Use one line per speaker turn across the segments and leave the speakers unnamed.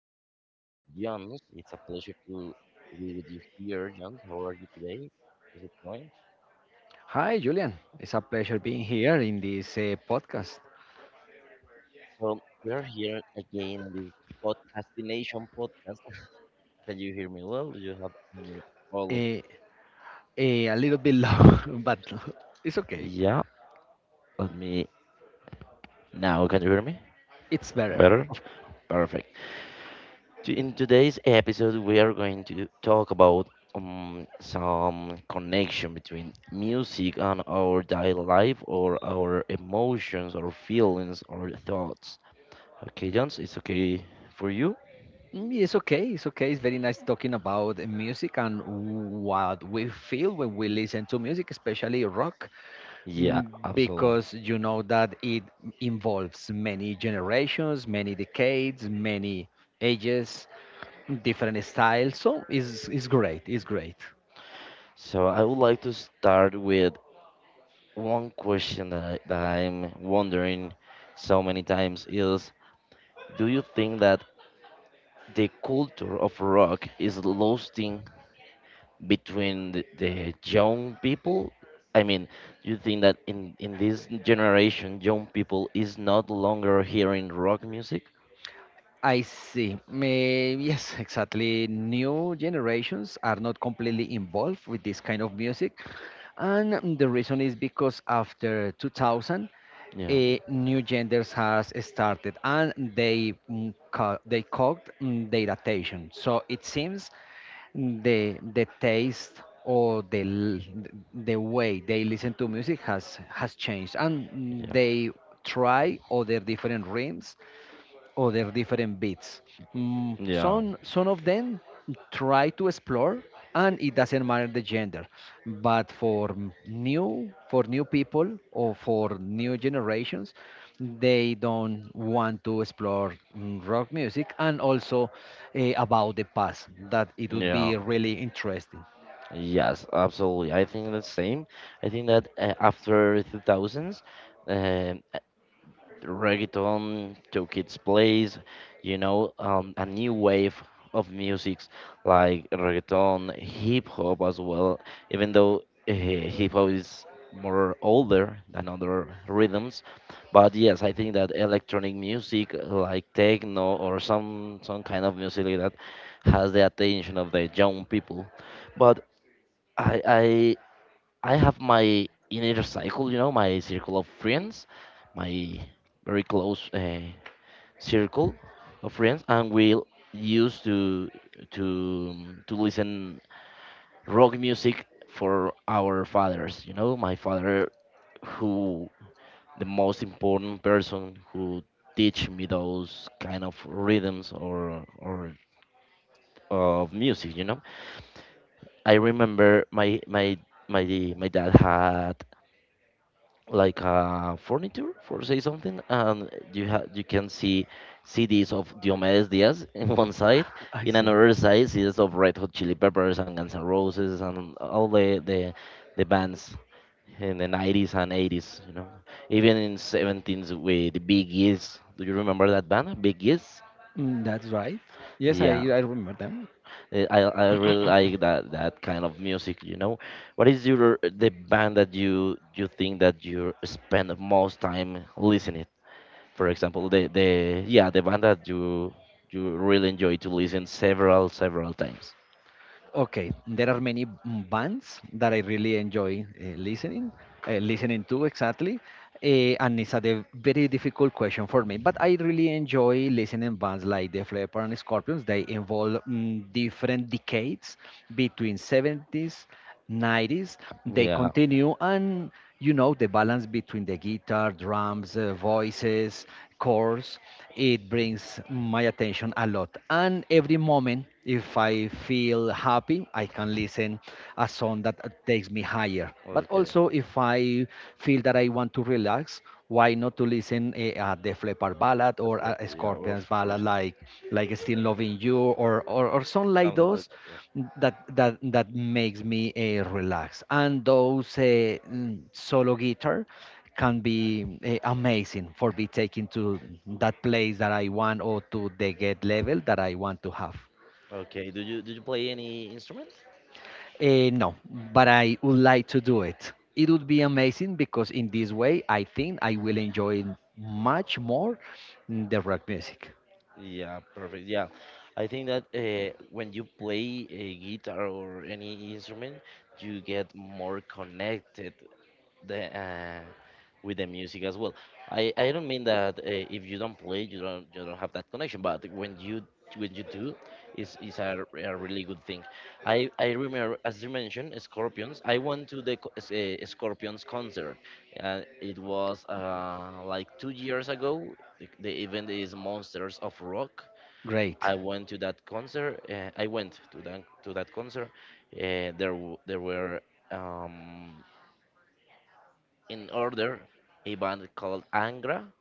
with Jones. It's a pleasure to be with you here, Jones. How are you today? Is it going?
Hi, Julian. It's a pleasure being here in this podcast.
So we are here again in this podcastination podcast. Can you hear me well? Do you have any all of?
Uh, a little bit low, but it's okay.
Yeah, let me now. Can you hear me?
It's better.
Better.
Of-
Perfect. In today's episode, we are going to talk about some connection between music and our daily life, or our emotions, or feelings, or thoughts. Okay, Jones, it's okay for you?
Mm, it's okay. It's okay. It's very nice talking about music and what we feel when we listen to music, especially rock,
Yeah, absolutely.
because you know that it involves many generations, many decades, many ages, different styles. So it's great. It's great.
So I would like to start with one question that I'm wondering so many times is, do you think that the culture of rock is losing between the young people. I mean, you think that in this generation young people is not longer hearing rock music?
I see. May yes, exactly. New generations are not completely involved with this kind of music. And the reason is because after 2000,
Yeah,
new genders has started and they they caught their attention. So it seems the taste or the the way they listen to music has changed and
yeah,
they try other different rhythms other different beats.
yeah,
Some of them try to explore, and it doesn't matter the gender. But for new people or for new generations, they don't want to explore rock music and also about the past. That it would be
yeah,
really interesting.
yes, absolutely, I think the same. I think that after 2000s um reggaeton took its place, you know. A new wave of musics like reggaeton, hip hop as well, even though hip hop is more older than other rhythms. But yes, I think that electronic music like techno or some kind of music like that has the attention of the young people. But I I have my inner cycle, you know, my circle of friends, my very close circle of friends, and we used to to listen rock music for our fathers. You know, my father, who the most important person who teach me those kind of rhythms or of music. You know, I remember my my dad had like furniture for say something and you have you can see CDs of Diomedes Diaz in one side,
I
in
see.
another side CDs of Red Hot Chili Peppers and Guns N' Roses and all the bands in the 90s and 80s, you know, even in 17s with the Big E's. Do you remember that band Big E's?
Mm, that's right. Yes, I
Yeah.
I remember them.
I really like that kind of music, you know. What is your the band that you think that you spend the most time listening? For example, the band that you really enjoy to listen several times.
Okay, there are many bands that I really enjoy listening to exactly, uh, and it's a very difficult question for me. But I really enjoy listening bands like Def Leppard and Scorpions. They involve different decades between 70s 90s. They
Yeah.
continue and you know the balance between the guitar drums, voices, chords. It brings my attention a lot, and every moment, if I feel happy, I can listen a song that takes me higher, but
Okay.
also if I feel that I want to relax, why not to listen a Def Leppard ballad
The
or
flute,
a
yeah, of
Scorpions ballad
course.
like Still Loving You or or something like
Something like
those
that. Yeah.
that that makes me relax. And those solo guitar can be amazing for be taken to that place that I want or to the get level that I want to have.
Okay. Do you play any instrument?
No, but I would like to do it. It would be amazing because in this way, I think I will enjoy much more the rock music.
Yeah, perfect. Yeah, I think that when you play a guitar or any instrument, you get more connected the with the music as well. I don't mean that if you don't play, you don't have that connection. But when you, when you do, a really good thing. I remember as you mentioned Scorpions. I went to the Scorpions concert. It was like 2 years ago. The event is Monsters of Rock.
Great.
I went to that concert. I went to that concert. Uh, there were Um, in order a band called Angra,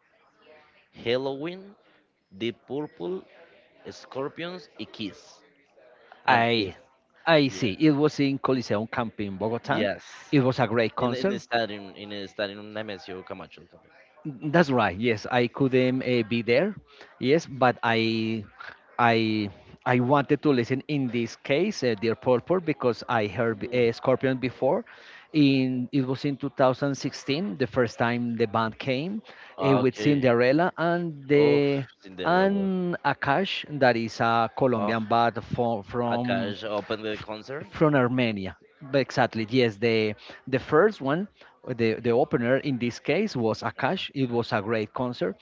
Halloween, Deep Purple, Scorpions, and Kiss. And Kiss.
I I
Yeah.
see. It was in Coliseum Camp in Bogota.
Yes.
It was a great
In in the
concert.
stadium in the stadium Nemesio Camacho Campbell.
That's right. Yes, I couldn't be there. Yes, but I I wanted to listen in this case, Dear Purple, because I heard
Mm.
Scorpion before. In it was in 2016, the first time the band came with
Okay.
Cinderella and
Oh,
the
Cinderella.
and Akash, that is a
Oh,
Colombian band from
Akash opened the concert.
from Armenia. But exactly, yes. The first one, the opener in this case was Akash. It was a great concert.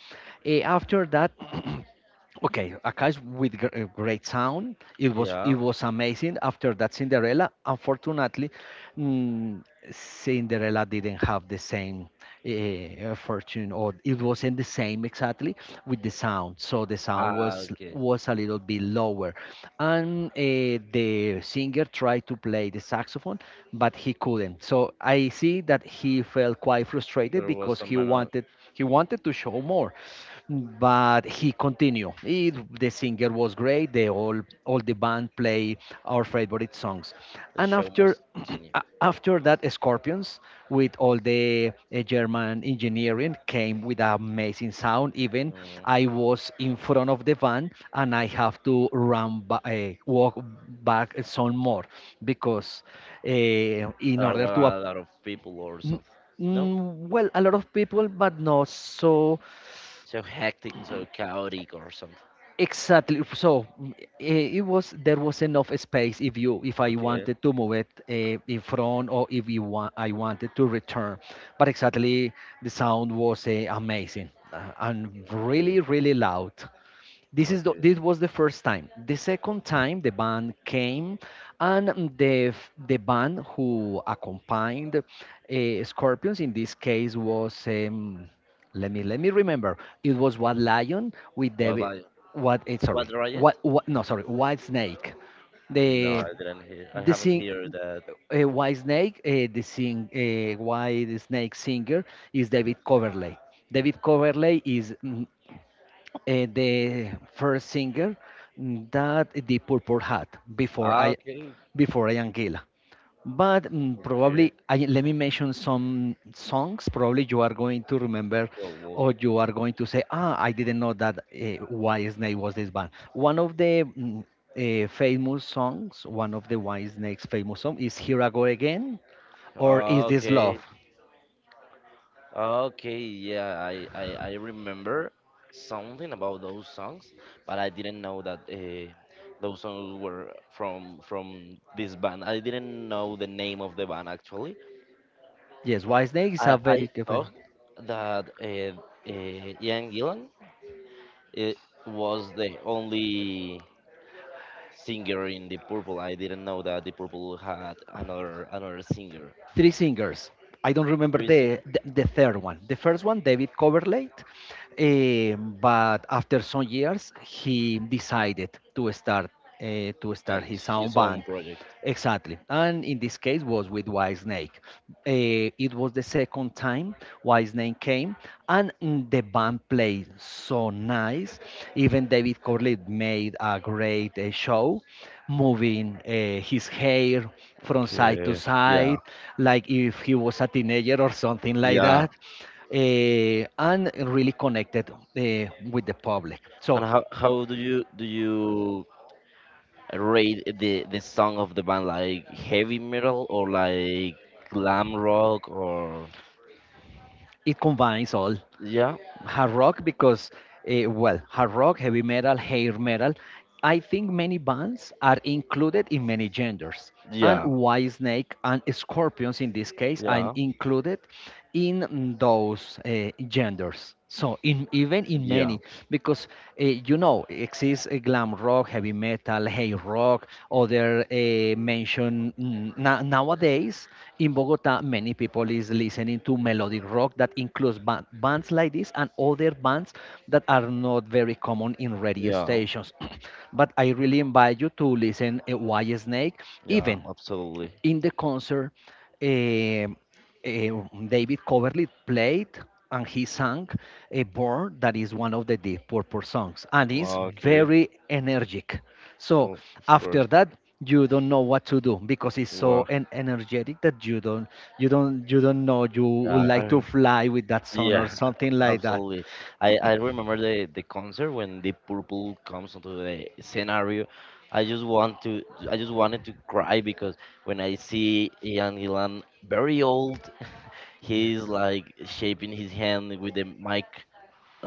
Eh, after that. Okay, a cast with great sound.
Yeah.
It was amazing. After that, Cinderella. Unfortunately, mm, Cinderella didn't have the same fortune, or it wasn't the same exactly with the sound. So the sound
Ah,
was
okay.
a little bit lower, and the singer tried to play the saxophone, but he couldn't. So I see that he felt quite frustrated
There was
because
some man on
he wanted to show more, but he continued. The singer was great. They all the band play our favorite songs,
the
and
show
after
must continue.
after that, Scorpions with all the German engineering came with amazing sound. Even
Mm,
I was in front of the van, and I have to walk back some more because in
there are
order to.
a lot of people or
N-
something. No?
well, a lot of people, but not so
So hectic, so chaotic, or something.
exactly. So eh, it was there was enough space if you if I
Okay.
wanted to move it in front or if you want I wanted to return. But exactly, the sound was amazing and
Okay.
really loud. This is
Okay.
this was the first time. The second time, the band came, and the band who accompanied Scorpions in this case was let me remember. It was White Lion with
What
David.
like?
What? Sorry.
What
What?
riot?
What? No, sorry. White Snake.
No,
The
I didn't hear. I
the
haven't
sing
heard that.
White Snake, the sing White Snake singer is David Coverley. David Coverley is the first singer that the Purple had before
Ah,
I
okay.
before I am Gila. But
Okay.
probably let me mention some songs. Probably you are going to remember,
Pro movie.
or you are going to say, "Ah, I didn't know that White Snake was this band." One of the famous songs, one of the White Snake's famous song is "Here I Go Again" or "Is
Ah,
This Love?"
okay. Okay, yeah, I remember something about those songs, but I didn't know that those songs were from this band. I didn't know the name of the band actually.
Yes, White Snake is
I,
a very
I
good.
thought that Ian Gillan uh, was the only singer in the Purple. I didn't know that the Purple had another singer,
Three singers. I don't remember
three singer,
the third one. The first one, David Coverlate, but after some years, he decided to
uh,
start his own
his
band.
own project.
Exactly, and in this case was with Whitesnake. It was the second time Whitesnake came, and the band played so nice. Even David Corlett made a great show, moving his hair from side to
Okay. Yeah,
side, like if he was a teenager or something like
yeah.
that, and really connected with the public. So
And how do you rate the song of the band like heavy metal or like glam rock or
it combines all.
yeah,
Hard rock because well, hard rock heavy metal, hair metal, I think many bands are included in many genders, and
yeah,
White Snake and Scorpions in this case are
yeah,
included in those genders, so in even in
yeah,
many because you know exists glam rock, heavy metal, hey rock, other mention. Nowadays in Bogota, many people is listening to melodic rock that includes bands like this and other bands that are not very common in radio
yeah,
stations. But I really invite you to listen White Snake,
yeah,
even
absolutely.
in the concert, eh, David Coverly played and he sang a Born, that is one of the Deep Purple songs, and it's
Okay.
very energetic. So
Well, of course.
after that, you don't know what to do because it's so
Wow.
energetic that you don't know. You would
yeah
like
I
to fly with that song or
Yeah,
something like that.
absolutely. I remember the concert when the purple comes onto the scenario. I just want to I just wanted to cry because when I see Ian Gillan very old,
Yes.
he's like shaping his hand with the mic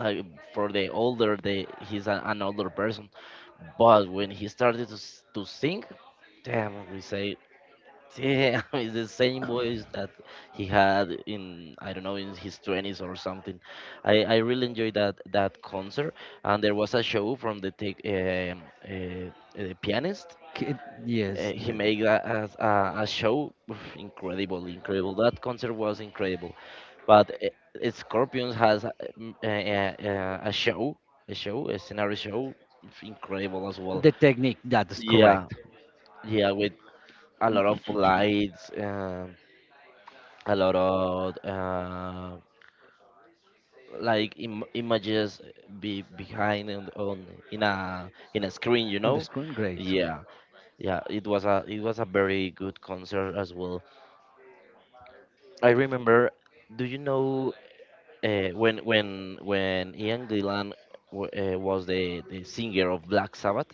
like for the older the he's a, an older person. But when he started to to sing, damn, we say yeah, it's the same voice that he had in I don't know, in his twenties or something. I really enjoyed that concert, and there was a show from the take, pianist.
K- Yes,
He made a a show, incredible, incredible. That concert was incredible. But Scorpions has a show, a scenario show, incredible as well.
the technique that is
Yeah,
correct
yeah, with a lot of lights. A lot of images be behind on in a screen, you
on the
know.
screen, great.
Yeah, yeah, it was a very good concert as well. I remember, do you know when Ian Gillan was the singer of Black Sabbath?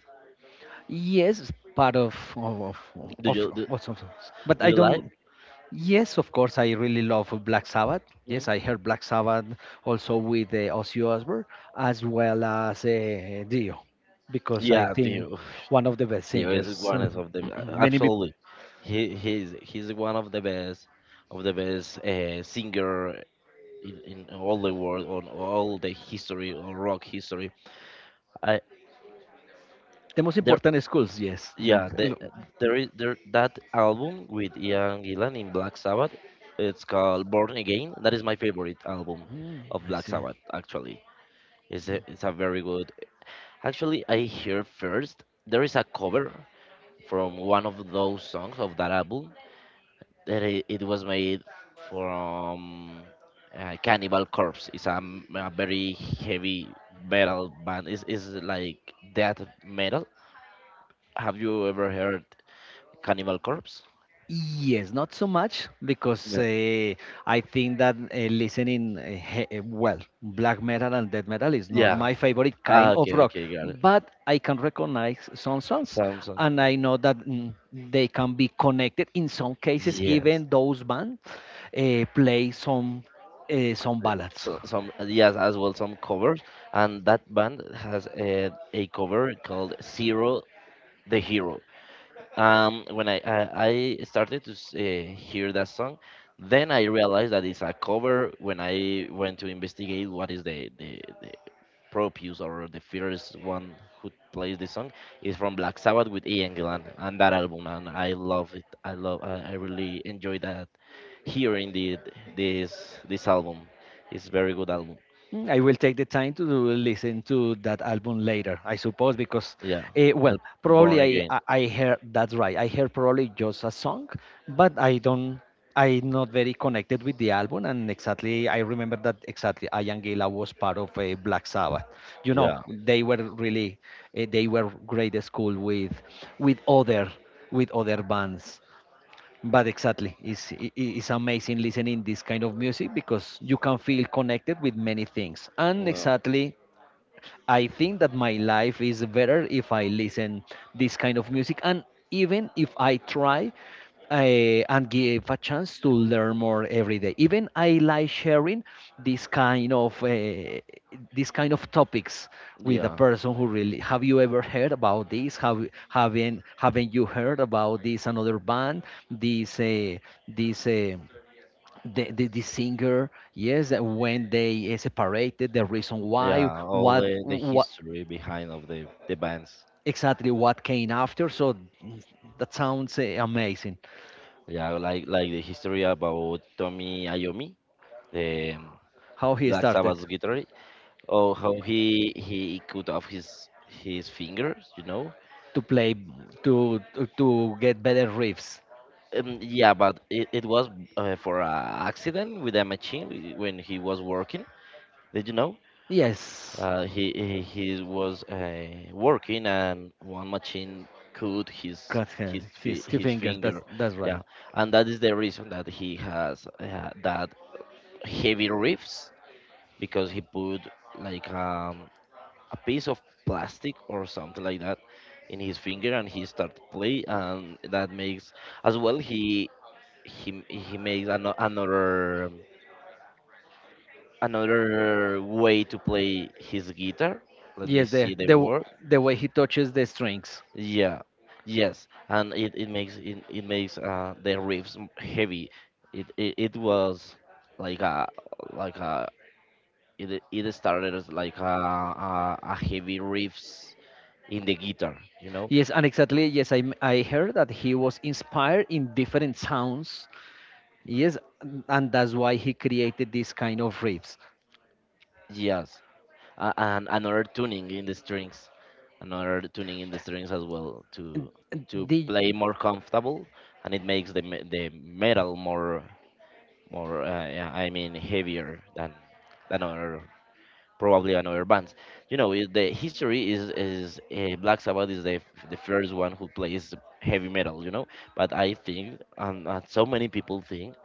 Yes, it's part of
do you do,
of, but
do
I
you like
don't. Yes, of course, I really love Black Sabbath.
Mm.
Yes, I heard Black Sabbath also with Ozzy Osbourne as well as Dio, because I
yeah do
think
you
one of the best
Diego is
singers.
one is of the
Many peop-
absolutely. He's one of the best, of the best singer in all the world, on all the history or rock history. I
the most
there
important schools. Yes,
Yeah, there is there that album with Ian Gillan in Black Sabbath. It's called Born Again. That is my favorite album
mm,
of
I
Black
see.
Sabbath actually. It's a very good. Actually, I hear first there is a cover from one of those songs of that album that it was made from Cannibal Corpse. A very heavy metal band. It's like death metal. Have you ever heard Cannibal Corpse?
Yes, not so much because
Yeah.
I think that well, black metal and death metal is not
Yeah.
my favorite
Ah,
kind of
okay,
rock,
okay, got it.
but I can recognize some songs,
Some,
and I know that they can be connected in some cases,
yes.
even those bands play some ballads.
So, some, yes, as well some covers, and that band has a cover called Zero the Hero. When I started to hear that song, then I realized that it's a cover. When I went to investigate what is the Propius or the first one who plays the song, is from Black Sabbath with Ian Gillan and that album, and I love it. I love. I really enjoy that hearing the this album. It's very good album.
Mm, I will take the time to listen to that album later, I suppose, because,
Yeah,
well,
Al- Born
probably
Again.
I heard that's right. I heard probably just a song, but I don't. I'm not very connected with the album, and exactly I remember that exactly. Ian Gillan was part of Black Sabbath. You know,
Yeah,
they were really, they were great at school with other, with other bands. But exactly, it's amazing listening this kind of music because you can feel connected with many things. And
well,
exactly I think that my life is better if I listen this kind of music, and even if I try and give a chance to learn more every day. Even I like sharing this kind of uh, this kind of topics with a
yeah,
person who really. Have you ever heard about this? Have haven't you heard about this another band? This this. The singer yes when they separated, the reason why,
yeah. All the
what
history behind of the bands.
exactly, what came after. So that sounds amazing.
Yeah, like the history about Tommy Iommi, the
How he
Black
started
Sabbath guitarist, or how he cut off his fingers, you know.
to play to get better riffs.
Yeah, but it was for a accident with a machine when he was working. Did you know?
Yes,
Uh, he he he was working and one machine cut his
got hand, his
his
finger.
finger.
That's right.
Yeah, and that is the reason that he has that heavy riffs, because he put like a piece of plastic or something like that in his finger and he started play, and that makes as well he makes another another way to play his guitar. Let me
Yes,
see the word.
the way he touches the strings.
Yeah, yes, and it makes, it makes the riffs heavy. it, it it was like a like a it it started as like a heavy riffs in the guitar, you know?
Yes, and exactly. Yes, I heard that he was inspired in different sounds. Yes, and that's why he created this kind of riffs.
Yes. And another tuning in the strings, another tuning in the strings as well to
Did
play more comfortable, and it makes the metal more, more yeah, I mean heavier than other probably another band. You know, the history is Black Sabbath is the first one who plays heavy metal. You know, but I think, and so many people think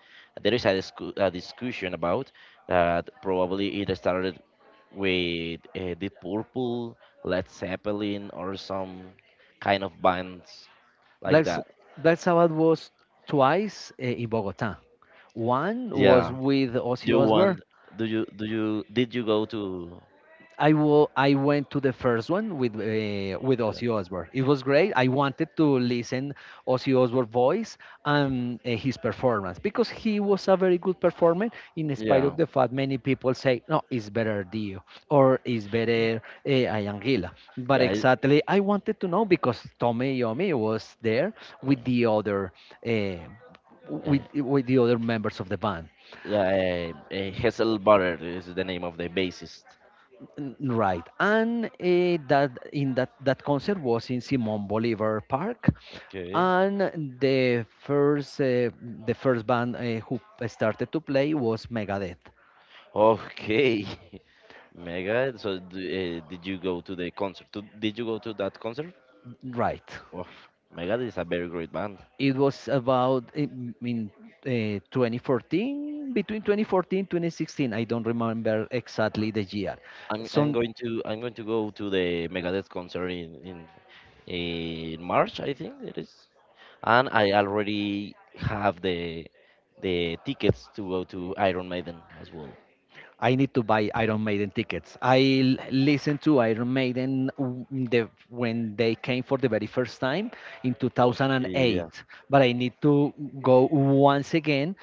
there is a discussion about that probably it started with Deep Purple, Led Zeppelin, or some kind of bands
Black,
like
S-
that.
Black Sabbath was twice in Bogota. One was
Yeah,
with Ozzy
you
Osbourne.
want? Do you did you go to?
I will. I went to the first one with
Yeah,
Ozzy Osbourne. It was great. I wanted to listen Ozzy Osbourne voice and his performance because he was a very good performer. In spite
yeah.
of the fact, many people say no, it's better Dio, or it's better Ayangila. But
Yeah, it-
exactly, I wanted to know because Tommy Yomi was there with the other. Uh, with
yeah.
with the other members of the band.
Yeah, Hasselbader is the name of the bassist.
That in that concert was in Simon Bolivar Park,
Okay.
and the first uh, the first band who started to play was Megadeth.
Okay, Megadeth. So, did you go to the concert? Did you go to that concert?
Right,
Wow, Megadeth is a very great band.
it was about eh, m- in 2014, between 2014 2016. I don't remember exactly the year. So
I'm going to go to the Megadeth concert in March, I think it is. And I already have the tickets to go to Iron Maiden as well.
I need to buy Iron Maiden tickets. Listened to Iron Maiden when they came for the very first time in
Oh, yeah.
2008, but I need to go once again,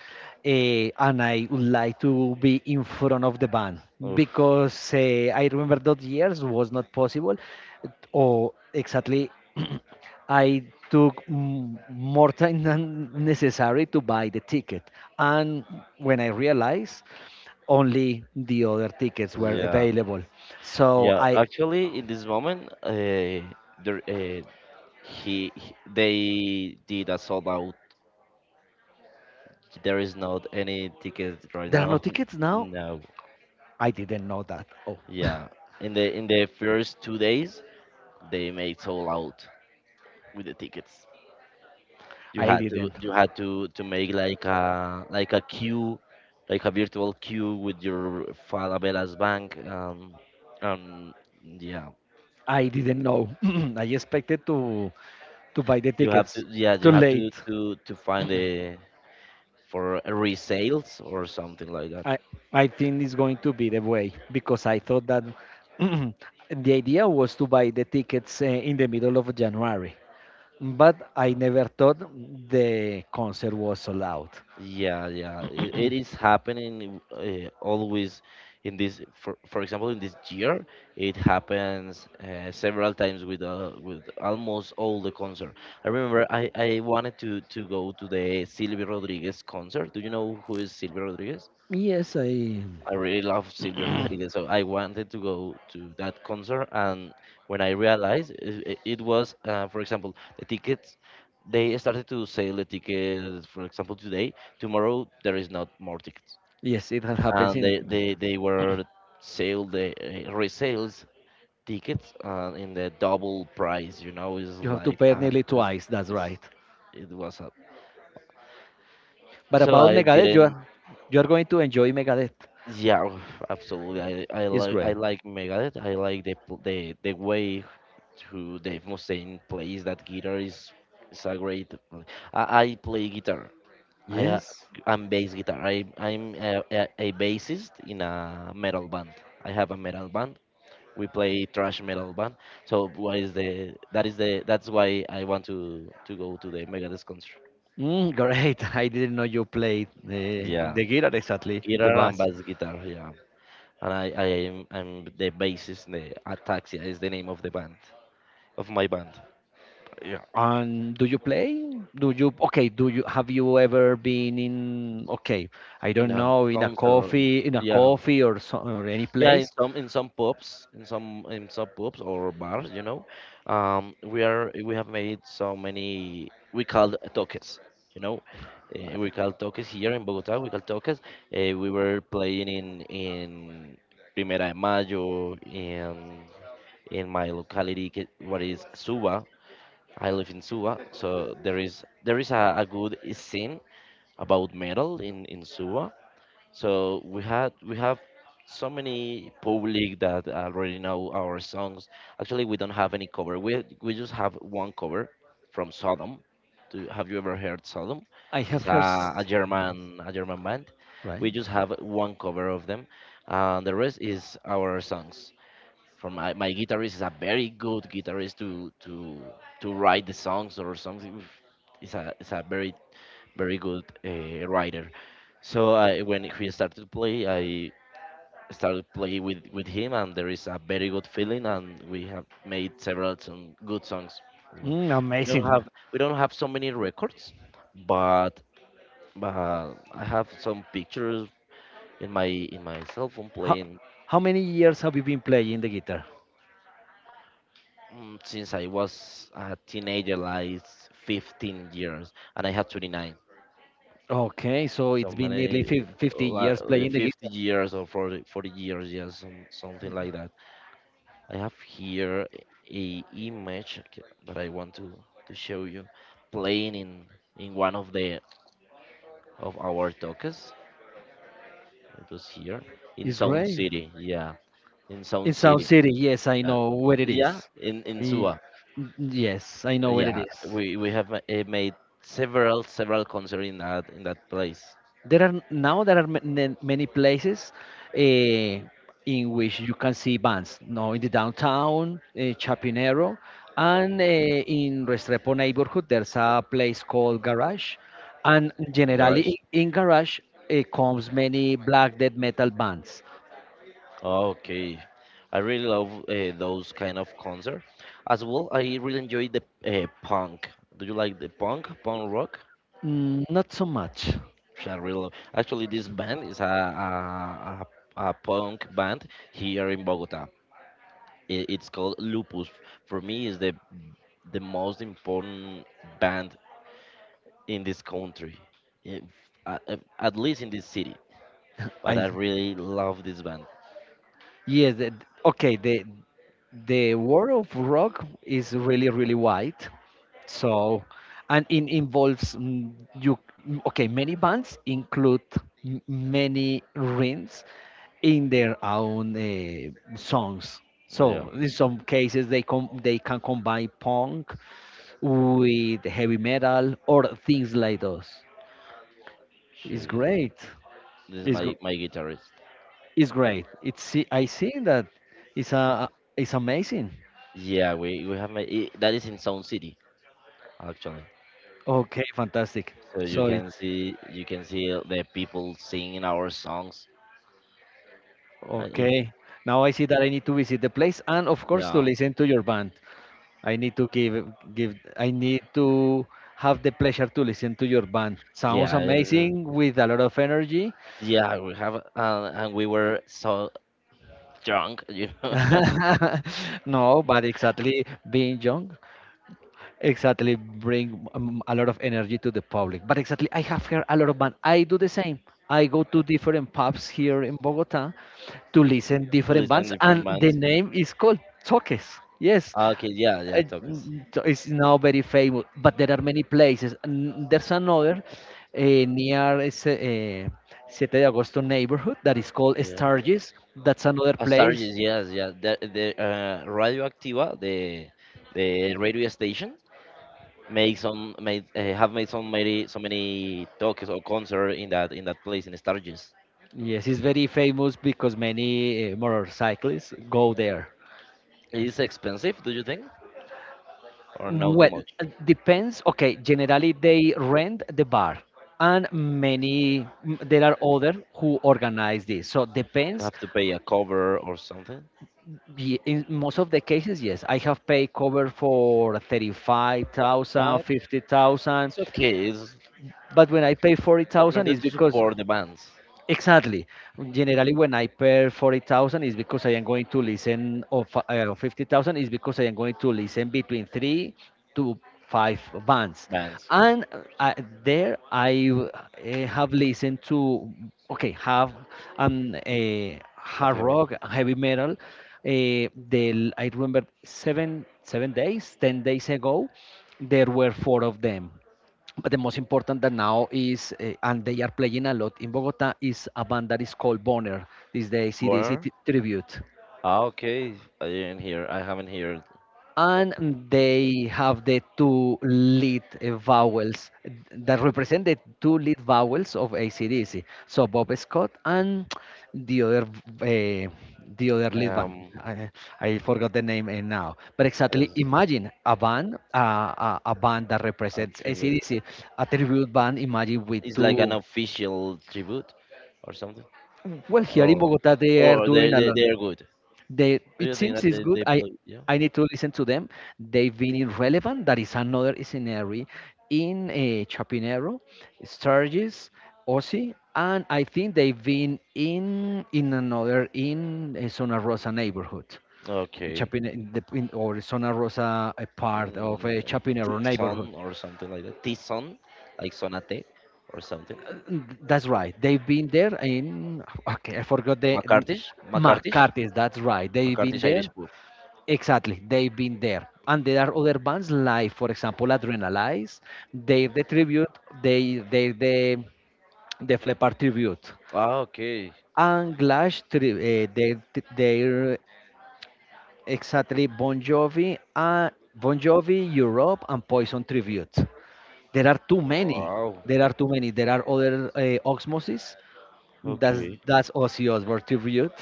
and I would like to be in front of the band
Oof.
because I remember those years was not possible, or exactly I took more time than necessary to buy the ticket. And when I realized, only the other tickets were
Yeah.
available. So
Yeah,
I
actually, in this moment, there, uh, they did a sold out. There is not any tickets right
there are no
now.
tickets now.
No.
I didn't know that. Oh,
Yeah. In the first two days, they made sold out with the tickets. You
I
had to
didn't.
you had to to make like a queue, like a virtual queue with your Falabella bank. Um, yeah.
I didn't know. I expected to buy the
You have
tickets
to yeah you
too
have
late.
to find the for resales or something like that.
I I think it's going to be the way because I thought that the idea was to buy the tickets in the middle of January, but I
No.
never thought the concert was so loud.
Yeah, yeah, it is happening always in this. For example, in this year, it happens several times with almost all the concert. I remember I wanted to go to the Silvio Rodriguez concert. Do you know who is Silvio Rodriguez?
Yes, I
I really love Silverhagen, so I wanted to go to that concert. And when I realized it was, for example, the tickets, they started to sell the tickets, for example, today. Tomorrow, there is not more tickets.
yes, it has happened
And
in
they,
America.
they, they were sale the resales tickets in the double price, it's
You have to
like,
pay nearly
it's,
twice. That's
it's,
right.
it was a.
But
So
about
I
Megadeth,
didn't
you are going to enjoy Megadeth.
Yeah, oof, absolutely. I, I
It's
like I
great.
like Megadeth. I like the pl- the way to Dave Mustaine plays that guitar is a great. I play guitar. I uh,
Yes.
I'm bass guitar. I'm a bassist in a metal band. I have a metal band. We play thrash metal band. So what is the that's why I want to go to the Megadeth concert.
Mm, great. I didn't know you played
Yeah,
the guitar exactly, the
guitar and
bass.
bass guitar. Yeah. And I'm the bassist in The Ataxia is the name of the band of my band.
Yeah. And do you play? Do you okay? Do you have you ever been in okay? I
In
don't
a
know in a
concert, or,
coffee
yeah,
or so, or any
yeah. In
place.
some pubs, in some pubs or bars, you know, we have made so many. We call toques, you know. We call toques here in Bogota. We call toques. We were playing in Primera de Mayo in my locality, what is Suba. I live in Suva, so there is a good scene about metal in Suva. So we have so many public that already know our songs. Actually, we don't have any cover. We just have one cover from Sodom. Do, have you ever heard Sodom?
I
It's
have heard s-
a German band. We
right.
just have one cover of them, and the rest is our songs from my guitarist is a very good guitarist to write the songs or something. Is a very very good writer. So I when he started to play, I started play with him, and there is a very good feeling, and we have made several some good songs as well.
Mm,
We don't
amazing.
have we don't have so many records, but but I have some pictures in my cell phone
How
playing.
how many years have you been playing the guitar?
Mm, since I was a teenager, like 15 years, and I have 29.
Okay, so
So
it's been nearly
many,
50
like
years playing the
50
guitar.
years or 40, 40 years, yeah, some, something like that. I have here a image that I want to show you playing in one of the of our talks. It was here in
It's
Sound
great.
City, yeah, in Sound
It's Sound
City,
City, yes, I
yeah,
know where it is.
yeah, in
Ye-
Suba.
Yes, I know where it
Yeah,
is.
we made several concerts in that place
There are many places eh, in which you can see bands. Now in the downtown, Chapinero, and
in
in Restrepo neighborhood, there's a place called Garage, and
in
generally
garage.
in Garage comes many black death metal bands.
Okay, I really love those kind of concert. As well, I really enjoy the punk. Do you like the punk rock?
Mm, not so much.
Which I really love. Actually, this band is a punk band here in Bogota. It's called Lupus. For me, is the most important band in this country, if, at least in this city. But
I
I really love this band.
yes, the, okay. The world of rock is really really wide, so, and it involves mm, you. Okay, many bands include many rings in their own songs.
Yeah,
So in some cases they can combine punk with heavy metal or things like those.
she
It's
this band.
great.
This is
It's gr-
my guitarist.
It's great. It's I see that it's a it's amazing.
Yeah, we have my I that is in Sound City actually.
Okay, fantastic.
So you
So
can
it's
see the people singing our songs. I, it,
okay. Now I see that I need to visit the place and of course to
yeah,
listen to your band. I need to give I need to have the pleasure to listen to your band. Sounds
yeah, it's-
amazing with a lot of energy.
yeah. We have and we were so drunk, you know, to
No, but exactly being young. Exactly bring a lot of energy to the public, but exactly I have heard a lot of band. I do the same. I go to different pubs here in Bogota to listen different
listen
bands,
different
and the
bands.
name is called toques. Yes,
Ah, okay, yeah, yeah, Tokis.
it's now very famous, but there are many places, and there's another uh, near Siete de Agosto neighborhood that is called Sturgis. That's another place.
Astarges, yes, yeah. The Radio Activa, the radio station, make some made have made so many so many talks or concert in that place in Astarges.
Yes, it's very famous because many motorcyclists go there.
Is expensive, do you think, or no too
Well,
much?
depends. Okay, generally they rent the bar, and many there are other who organize this. So depends.
Have to pay a cover or something?
In most of the cases, yes, I have paid cover for 35,000,
Uh,
50,000,
it's okay. It's
but when I pay
in
40,000,
order
it's
to
because
support the bands.
exactly. Generally, when I pay 40,000 is because I am going to listen, or 50,000 is because I am going to listen between three to five bands.
Bands,
And there I have listened to, okay, have a
have
hard
you heard?
rock, heavy metal. I remember seven, 7 days, 10 days ago, there were four of them. But the most important that now is, and they are playing a lot in Bogota, is a band that is called Bonner. These days it is a
Bonner.
tribute.
Ah, okay. I didn't hear. I haven't heard.
And they have the two lead vowels that represent the two lead vowels of ACDC. So Bob Scott and the other v- uh, the other lead band.
Um,
I forgot the name now. But exactly,
as
imagine a band, a band that
a
represents
trivia.
ACDC, a tribute band. Imagine with
It's like an
two.
official tribute or something,
Well, here in
or
Bogota, they are
or
doing a lot.
they are good.
They
Do
it
you think
seems
that
it's good.
they play? Yeah.
I need to listen to them. They've been in relevant. That is another scenario in Chapinero, Sturgis, Osi, and I think they've been in another in Zona Rosa neighborhood, in
Okay.
Chapin in the, in, or Zona Rosa, a part of a
Mm,
Chapinero neighborhood.
T-Son or something like that. T-Son, like Sonate or something.
That's right. They've been there in okay. I forgot the n-
McCarthy's,
McCarthy's. That's right. They've been
McCarthy's
there.
Irish pub.
Exactly, they've been there. And there are other bands like, for example, Adrenalize. They the tribute, they they the the Flepar tribute.
Ah, okay.
And Glash, tri they they're exactly Bon Jovi, Bon Jovi, Europe and Poison tribute. There are too many.
Wow.
There are too many. There are other Osmosis.
Okay.
That's Ozzy Osbourne tribute.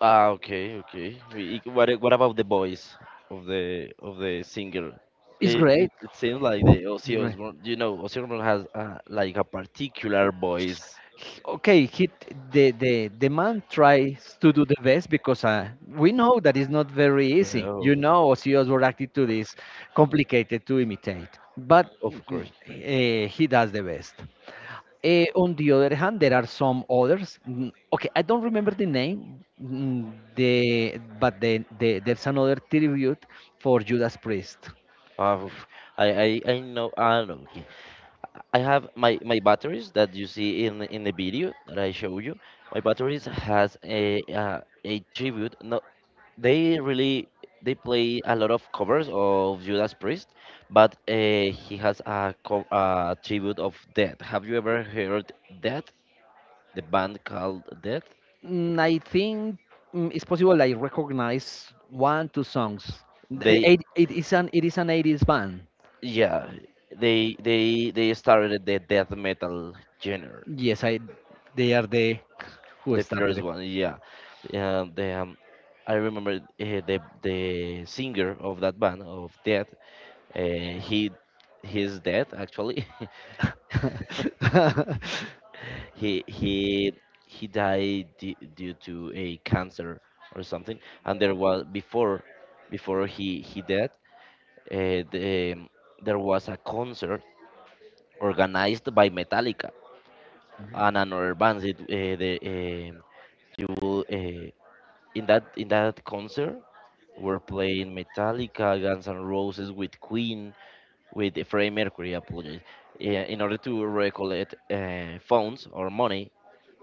Ah, okay. What about the voice of the singer?
It's
It it,
great.
it seems like the Ozzy
It's great.
Osbourne. You know, Ozzy Osbourne has like a particular voice.
Okay, he the the man tries to do the best because we know that it's not very
You
easy.
know,
You know, Ozzy were attitude is complicated to imitate, but
of course.
he does the best. On the other hand, there are some others. Okay, I don't remember the name. The there's another tribute for Judas Priest.
Uh, I know. I know. Okay. I have my batteries that you see in the video that I show you. My batteries has a tribute. No, they really they play a lot of covers of Judas Priest, but he has a, a tribute of Death. Have you ever heard Death? The band called Death.
Mm, I think it's possible I recognize 1 2 songs.
They
It is an 80s band.
yeah they they started the death metal genre.
Yes, I they are the who
The
started
first
it.
one, yeah, yeah, the I remember the singer of that band of Death. He he's dead actually. he he he died due to a cancer or something, and there was before he died, uh, the, um, there was a concert organized by Metallica and another band it, the you will in that concert were playing Metallica, Guns N' Roses with Queen, with Freddie Mercury, apologies, eh, in order to recollect funds or money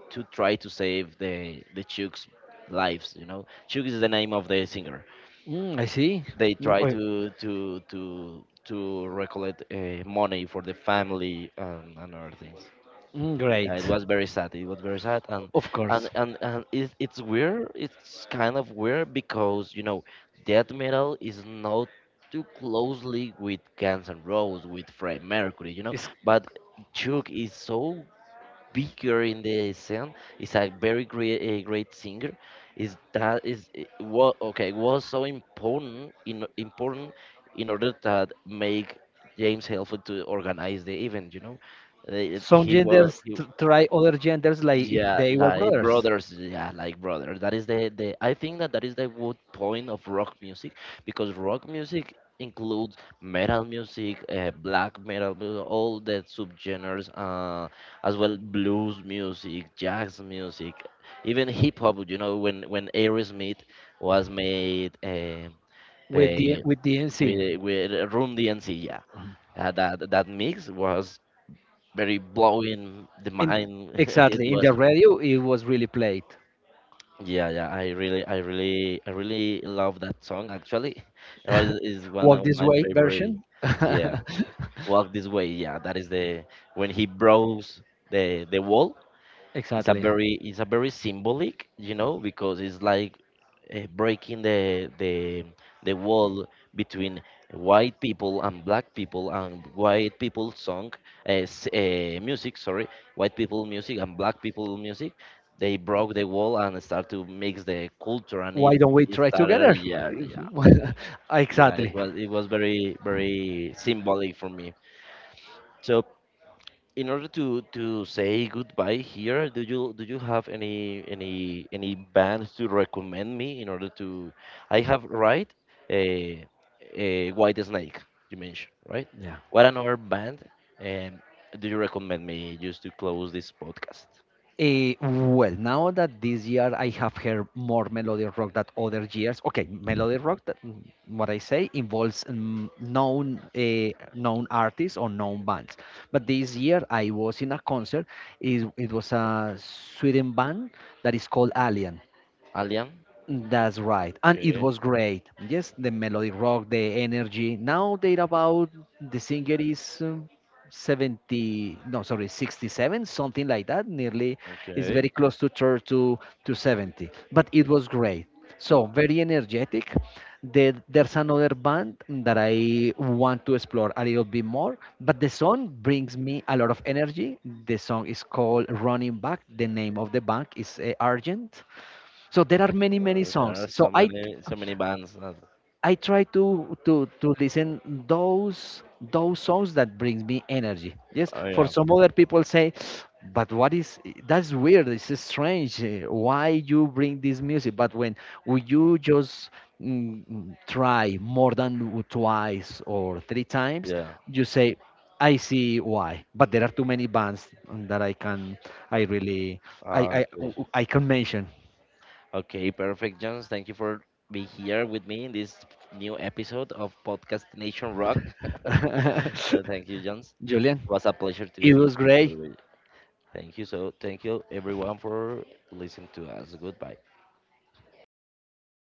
to try to save the Chooks lives, you know, Chooks is the name of the singer.
Mm, I see.
They
Mm,
try
oh,
to recollect money for the family and other things.
mm,
Yeah, it
great.
was very sad. It was very sad. And
Of course.
and it's weird. It's kind of weird because you know death metal is not too closely with Guns N' Roses with Freddie Mercury, you know.
It's,
But Chuck is so bigger in the scene, is a very great a great singer. Is that is what okay was so important in important in order that make James helpful to organize the event, you know. Uh,
some
he was
genders
he,
try other genders like if
yeah,
they were
like
brothers
brothers. Yeah, like brothers. That is the I think that that is the good point of rock music, because rock music includes metal music, black metal, all the subgenres, as well blues music, jazz music, even hip hop. You know, when Aerosmith was made
with the
the
with DMC.
with Room DNC, yeah, that that mix was very blowing the
In
mind. It
exactly in
was.
the radio it was really played.
Yeah, yeah, I really, I really love that song actually. It is one
Walk
of
this
my
way
favorite.
version.
Yeah, Walk This Way. Yeah, that is the when he broke the wall. It's a
Exactly.
very it's a very symbolic, you know, because it's like breaking the wall between white people and black people and white people song music, sorry, white people music and black people music. They broke the wall and start to mix the culture, and
Why
it,
don't we
it
try
started
together?
yeah yeah
Well,
yeah. It
exactly.
was it was very very symbolic for me. So in order to say goodbye here, do you have any bands to recommend me in order to? I have right a a White Snake you mentioned, right.
Yeah.
What another band um, do you recommend me just to close this podcast?
Eh, well, now that this year I have heard more melodic rock than other years. Okay, melodic rock. What I say involves known known artists or known bands. But this year I was in a concert. It was a Sweden band that is called Alien.
Alien.
That's right. And it
Okay,
was great. Yes, the melodic rock, the energy. Now they're about the singer is 70, no, sorry, 67, something like that. Nearly, it's very
okay.
close to to 70. But it was great. So very energetic. There's another band that I want to explore a little bit more, but the song brings me a lot of energy. The song is called Running Back. The name of the band is Argent. So there are many many
There
songs,
are
so
so
i
many so many bands.
i try to to listen those those songs that brings me energy. Yes,
Oh
for
yeah,
some other people say, but what is, that's weird, it's strange, why you bring this music? But when you just try more than twice or three times,
yeah.
you say, I see why. But there are too many bands that I can I really I
Ah,
I,
okay.
I can mention.
Okay, perfect, Jones. Thank you for being here with me in this new episode of Podcast Nation Rock. So thank you, Jones.
Julian,
It was a pleasure to
it
be
was
here
great.
with you. Thank you. So thank you everyone for listening to us. Goodbye.